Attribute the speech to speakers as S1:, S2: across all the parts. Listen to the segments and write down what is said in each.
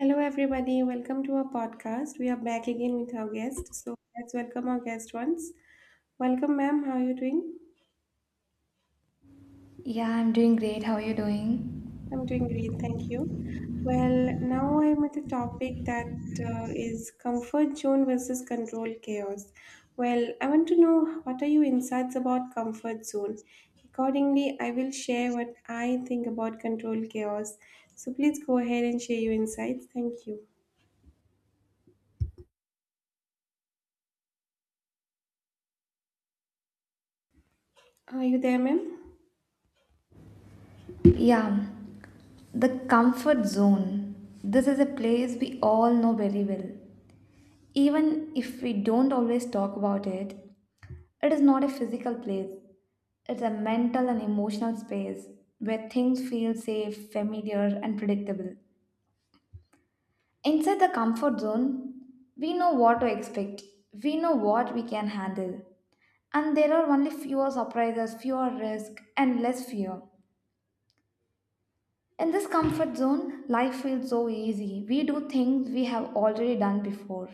S1: Hello, everybody. Welcome to our podcast. We are back again with our guest. So let's welcome our guest once. Welcome, ma'am. How are you doing?
S2: Yeah, I'm doing great. How are you doing?
S1: I'm doing great. Thank you. Well, now I'm with a topic that is comfort zone versus control chaos. Well, I want to know what are your insights about comfort zone? Accordingly, I will share what I think about control chaos. So please go ahead and share your insights. Thank you. Are you there, ma'am?
S2: Yeah, the comfort zone. This is a place we all know very well. Even if we don't always talk about it, it is not a physical place. It's a mental and emotional space where things feel safe, familiar, and predictable. Inside the comfort zone, we know what to expect. We know what we can handle. And there are only fewer surprises, fewer risk, and less fear. In this comfort zone, life feels so easy. We do things we have already done before,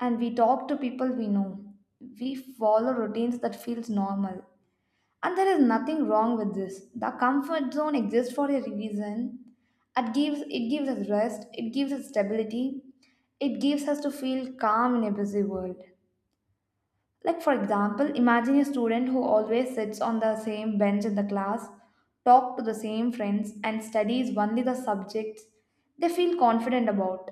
S2: and we talk to people we know. We follow routines that feels normal. And there is nothing wrong with this. The comfort zone exists for a reason. It gives us rest, it gives us stability, it gives us to feel calm in a busy world. Like, for example, imagine a student who always sits on the same bench in the class, talk to the same friends, and studies only the subjects they feel confident about.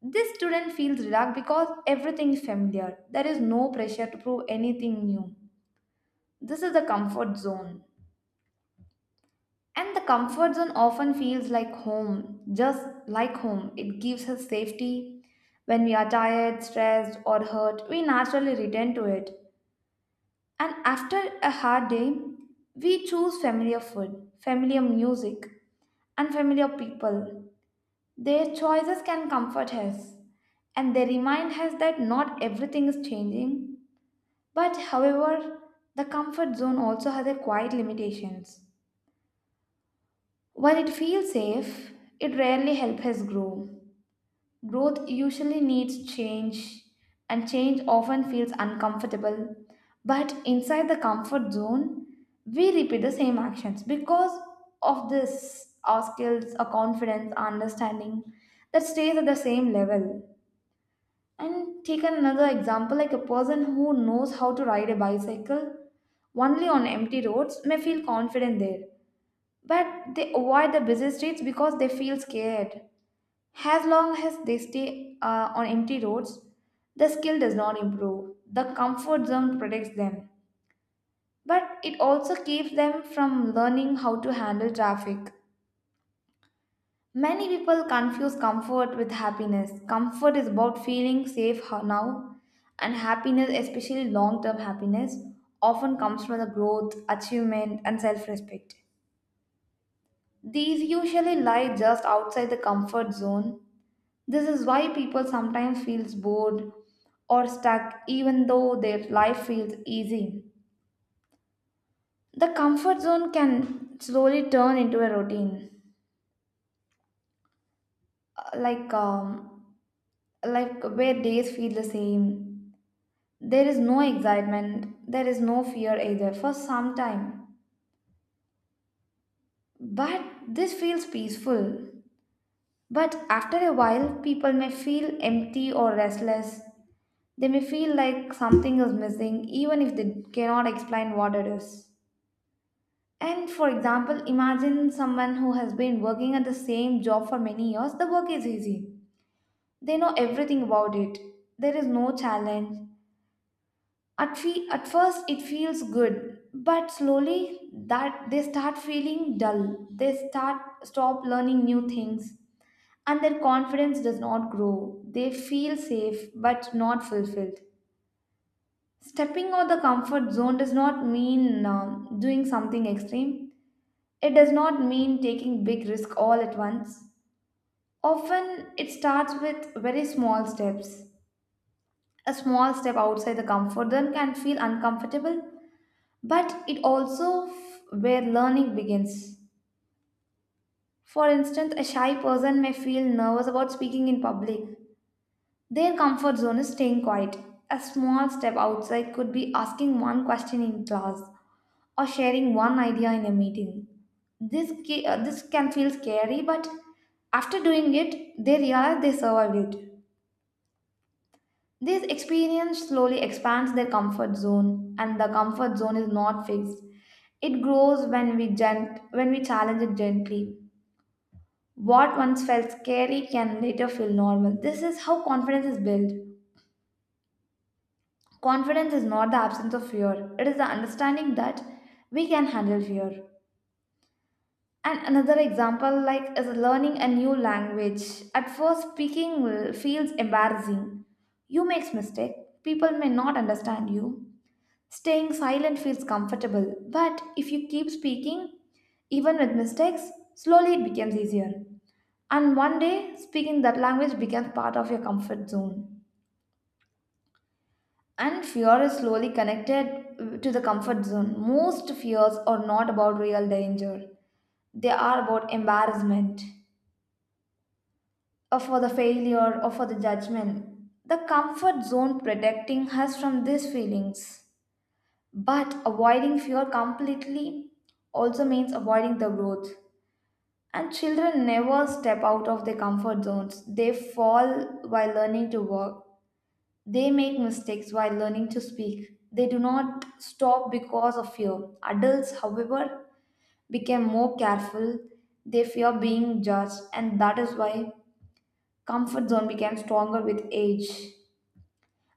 S2: This student feels relaxed because everything is familiar. There is no pressure to prove anything new. This is the comfort zone. And the comfort zone often feels like home, just like home. It gives us safety. When we are tired, stressed, or hurt, we naturally return to it. And after a hard day, we choose familiar food, familiar music, and familiar people. Their choices can comfort us, and they remind us that not everything is changing. But however, the comfort zone also has a quiet limitations. While it feels safe, it rarely helps us grow. Growth usually needs change, and change often feels uncomfortable. But inside the comfort zone, we repeat the same actions because of this our skills, our confidence, our understanding that stays at the same level. And take another example like a person who knows how to ride a bicycle only on empty roads may feel confident there, but they avoid the busy streets because they feel scared. As long as they stay on empty roads, the skill does not improve. The comfort zone protects them, but it also keeps them from learning how to handle traffic. Many people confuse comfort with happiness. Comfort is about feeling safe now, and happiness, especially long term happiness, often comes from the growth, achievement, and self respect. These usually lie just outside the comfort zone. This is why people sometimes feels bored or stuck even though their life feels easy. The comfort zone can slowly turn into a routine. Uh, Like um like where days feel the same. There is no excitement, there is no fear either for some time. But this feels peaceful. But after a while people may feel empty or restless. They may feel like something is missing even if they cannot explain what it is. And for example, imagine someone who has been working at the same job for many years. The work is easy. They know everything about it. There is no challenge. At first, it feels good, but slowly that they start feeling dull. They start stop learning new things, and their confidence does not grow. They feel safe but not fulfilled. Stepping out the comfort zone does not mean doing something extreme. It does not mean taking big risk all at once. Often it starts with very small steps. A small step outside the comfort zone can feel uncomfortable, but it also where learning begins. For instance, a shy person may feel nervous about speaking in public. Their comfort zone is staying quiet. A small step outside could be asking one question in class or sharing one idea in a meeting. This can feel scary, but after doing it, they realize they survived it. This experience slowly expands their comfort zone, and the comfort zone is not fixed. It grows when we challenge it gently. What once felt scary can later feel normal. This is how confidence is built. Confidence is not the absence of fear, it is the understanding that we can handle fear. And another example like is learning a new language. At first feels embarrassing. You makes mistake, people may not understand you. Staying silent feels comfortable, but if you keep speaking even with mistakes, slowly it becomes easier. And one day speaking that language becomes part of your comfort zone. And fear is slowly connected to the comfort zone. Most fears are not about real danger, they are about embarrassment, or for the failure, or for the judgment. The comfort zone protecting us from these feelings. But avoiding fear completely also means avoiding the growth. And children never step out of their comfort zones. They fall while learning to work. They make mistakes while learning to speak. They do not stop because of fear. Adults, however, become more careful. They fear being judged, and that is why comfort zone became stronger with age.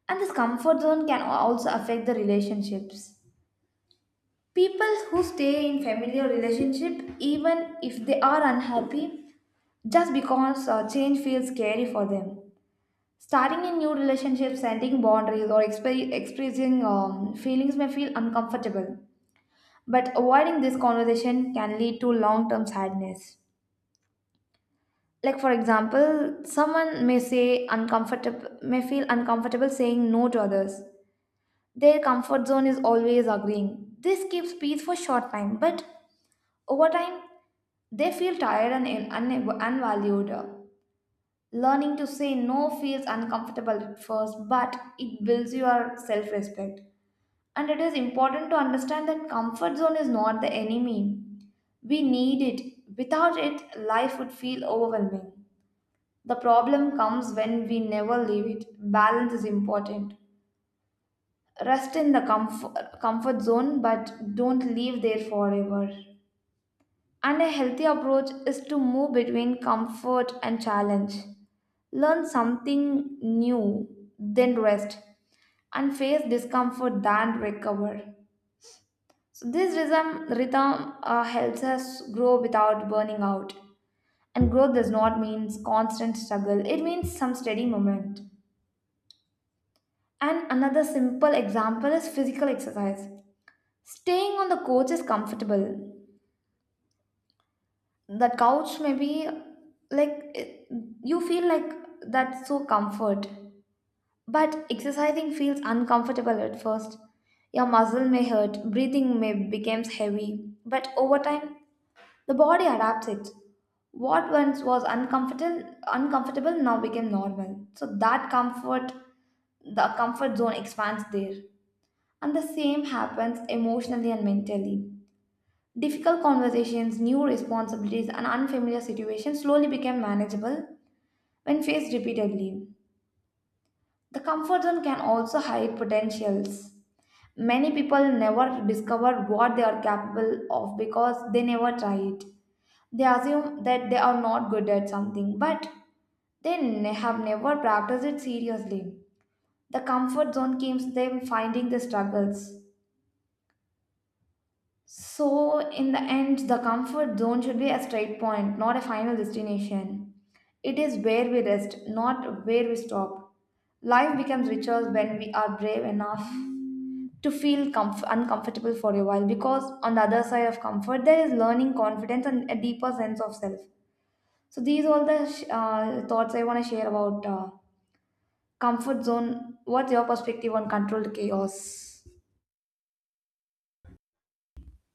S2: And this comfort zone can also affect the relationships. People who stay in familiar relationship, even if they are unhappy, just because change feels scary for them. Starting in new relationships, setting boundaries, or expressing feelings may feel uncomfortable, but avoiding this conversation can lead to long term sadness. Like, for example, someone may say uncomfortable, may feel uncomfortable saying no to others. Their comfort zone is always agreeing. This keeps peace for short time, but over time, they feel tired and unvalued. Learning to say no feels uncomfortable at first, but it builds your self respect. And it is important to understand that comfort zone is not the enemy. We need it. Without it, life would feel overwhelming. The problem comes when we never leave it. Balance is important. Rest in the comfort zone, but don't live there forever. And a healthy approach is to move between comfort and challenge. Learn something new, then rest, and face discomfort, then recover. So, this rhythm helps us grow without burning out. And growth does not mean constant struggle, it means some steady movement. And another simple example is physical exercise. Staying on the couch is comfortable, the couch maybe like you feel like that's so comfort, but exercising feels uncomfortable at first. Your muscle may hurt, breathing may becomes heavy, but over time the body adapts it. What once was uncomfortable now became normal, so that comfort the comfort zone expands there. And the same happens emotionally and mentally. Difficult conversations, new responsibilities, and unfamiliar situations slowly became manageable when faced repeatedly. The comfort zone can also hide potentials. Many people never discover what they are capable of because they never try it. They assume that they are not good at something, but have never practiced it seriously. The comfort zone keeps them finding the struggles. So, in the end, the comfort zone should be a straight point, not a final destination. It is where we rest, not where we stop. Life becomes richer when we are brave enough to feel uncomfortable for a while because on the other side of comfort, there is learning, confidence, and a deeper sense of self. So, these all the thoughts I want to share about comfort zone. What's your perspective on controlled chaos?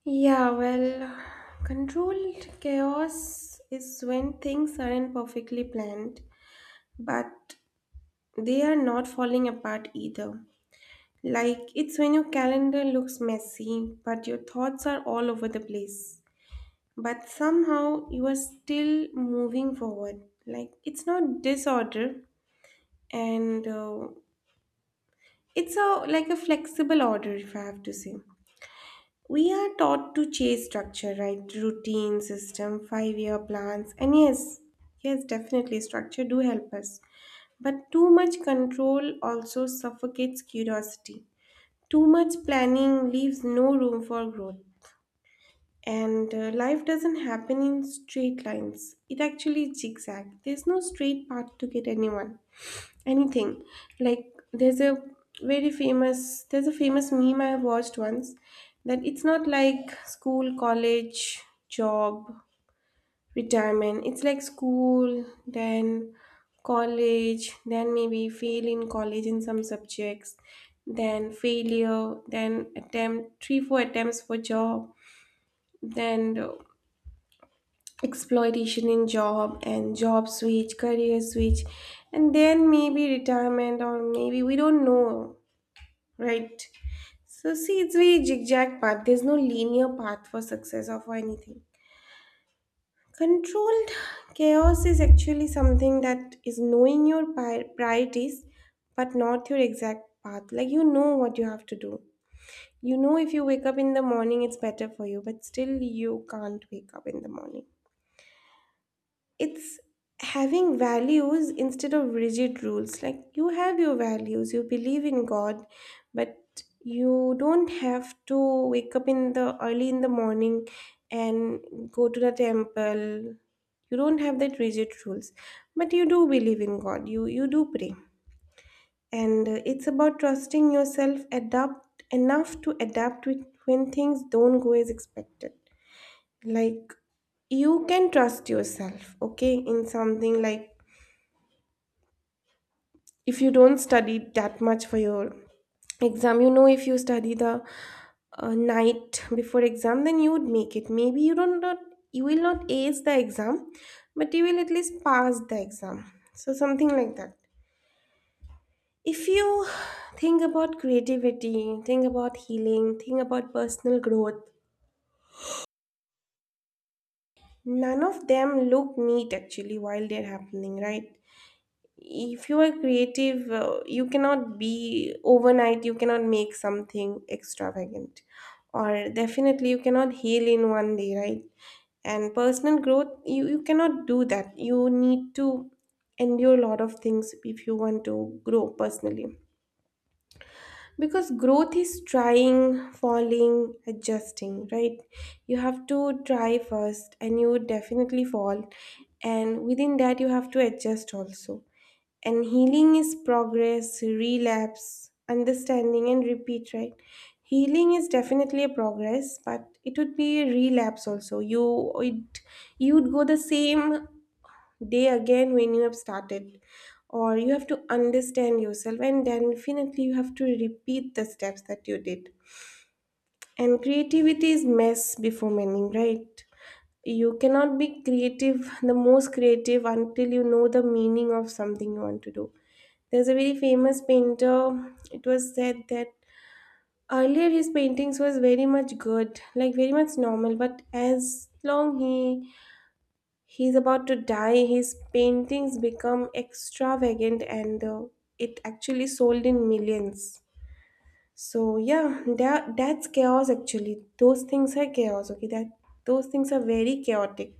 S1: Yeah, well, controlled chaos is when things aren't perfectly planned, but they are not falling apart either. Like, it's when your calendar looks messy, but your thoughts are all over the place. But somehow you are still moving forward. Like, it's not disorder, and it's a like a flexible order, if I have to say. We are taught to chase structure, right? Routine, system, five-year plans. And yes, yes, definitely structure do help us. But too much control also suffocates curiosity. Too much planning leaves no room for growth. And life doesn't happen in straight lines. It actually zigzag. There's no straight path to get anyone anything. Like, there's a famous meme I have watched once, that it's not like school, college, job, retirement. It's like school, then college, then maybe fail in college in some subjects, then failure, then attempt three four attempts for job, then exploitation in job, and job switch, career switch, and then maybe retirement, or maybe we don't know, right? So see, it's very zigzag path. There's no linear path for success or for anything. Controlled chaos is actually something that is knowing your priorities, but not your exact path. Like, you know what you have to do. You know, if you wake up in the morning it's better for you, but still you can't wake up in the morning. It's having values instead of rigid rules. Like, you have your values, you believe in God, but you don't have to wake up in the early in the morning and go to the temple. You don't have that rigid rules, but you do believe in God. You do pray. And it's about trusting yourself adapt enough to adapt when things don't go as expected. Like, you can trust yourself, okay, in something. Like, if you don't study that much for your exam, you know, if you study the night before exam, then you would make it. Maybe you don't, not, you will not ace the exam, but you will at least pass the exam, so something like that. If you think about creativity, think about healing, think about personal growth, none of them look neat actually while they're happening, right? If you are creative, you cannot be overnight, you cannot make something extravagant, or definitely you cannot heal in one day, right? And personal growth, you cannot do that. You need to endure a lot of things if you want to grow personally, because growth is trying, falling, adjusting, right? You have to try first, and you would definitely fall, and within that you have to adjust also. And healing is progress, relapse, understanding, and repeat, right? Healing is definitely a progress, but it would be a relapse also. You would go the same day again when you have started, or you have to understand yourself, and then definitely you have to repeat the steps that you did. And creativity is mess before meaning, right? You cannot be creative, the most creative, until you know the meaning of something you want to do. There's a very famous painter. It was said that earlier his paintings was very much good, like very much normal, but as long he he's about to die, his paintings become extravagant, and it actually sold in millions. So yeah, that's chaos actually. Those things are chaos, okay, that those things are very chaotic,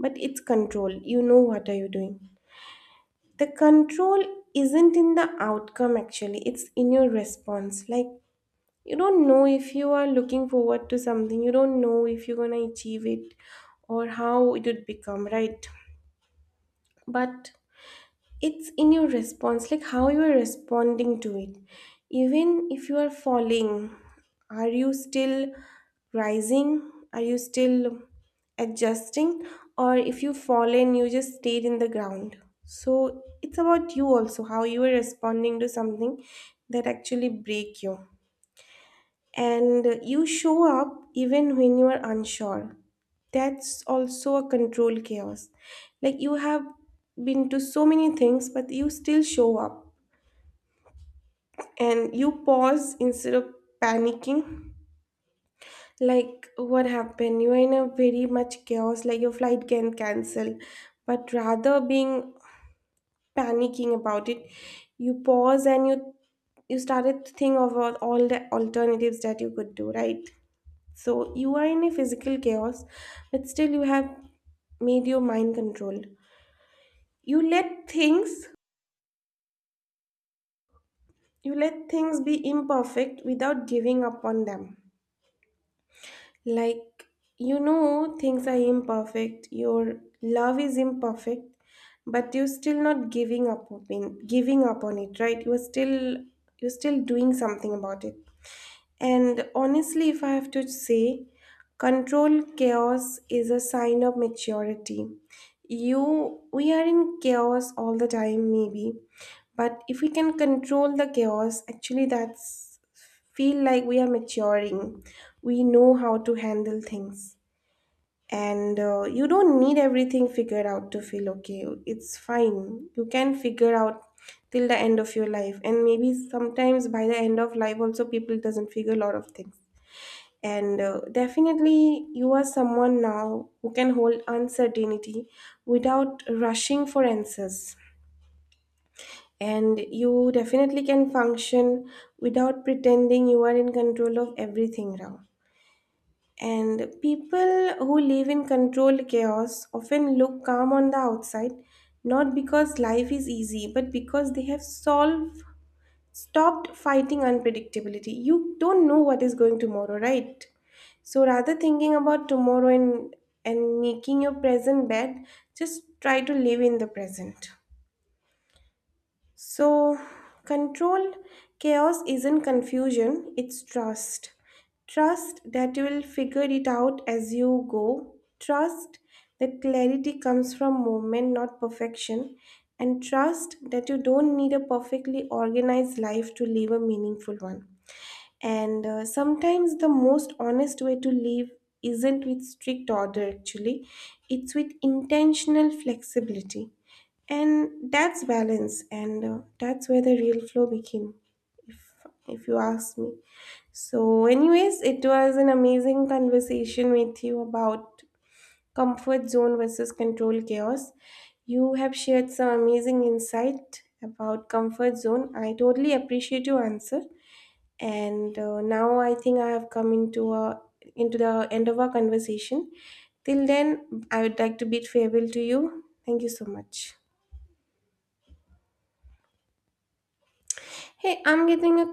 S1: but it's control. You know what are you doing. The control isn't in the outcome actually. It's in your response. Like, you don't know if you are looking forward to something. You don't know if you're going to achieve it or how it would become, right? But it's in your response, like how you are responding to it. Even if you are falling, are you still rising, are you still adjusting, or if you fallen you just stayed in the ground. So it's about you also, how you are responding to something that actually break you, and you show up even when you are unsure. That's also a control chaos. Like, you have been to so many things, but you still show up, and you pause instead of panicking. Like, what happened, you are in a very much chaos. Like, your flight can cancel, but rather being panicking about it, you pause, and you started to think of all the alternatives that you could do, right? So you are in a physical chaos, but still you have made your mind controlled. You let things you let things be imperfect without giving up on them. Like, you know things are imperfect, your love is imperfect, but you're still not giving up on it, right? You're still doing something about it. And honestly, if I have to say, control chaos is a sign of maturity. We are in chaos all the time, maybe, but if we can control the chaos, actually, that's feel like we are maturing. We know how to handle things, and you don't need everything figured out to feel okay. It's fine, you can figure out till the end of your life, and maybe sometimes by the end of life also people doesn't figure a lot of things. And definitely you are someone now who can hold uncertainty without rushing for answers, and you definitely can function without pretending you are in control of everything now. And people who live in controlled chaos often look calm on the outside, not because life is easy, but because they have solved, stopped fighting unpredictability. You don't know what is going tomorrow, right? So rather thinking about tomorrow and making your present bad, just try to live in the present. So, control chaos isn't confusion, it's trust. Trust that you will figure it out as you go. Trust that clarity comes from movement, not perfection. And trust that you don't need a perfectly organized life to live a meaningful one. And sometimes the most honest way to live isn't with strict order, actually, it's with intentional flexibility. And that's balance, and that's where the real flow became, if, if you ask me. So, anyways, it was an amazing conversation with you about comfort zone versus control chaos. You have shared some amazing insight about comfort zone. I totally appreciate your answer, and now I think I have come into a into the end of our conversation. Till then, I would like to bid farewell to you. Thank you so much. Hey, I'm getting a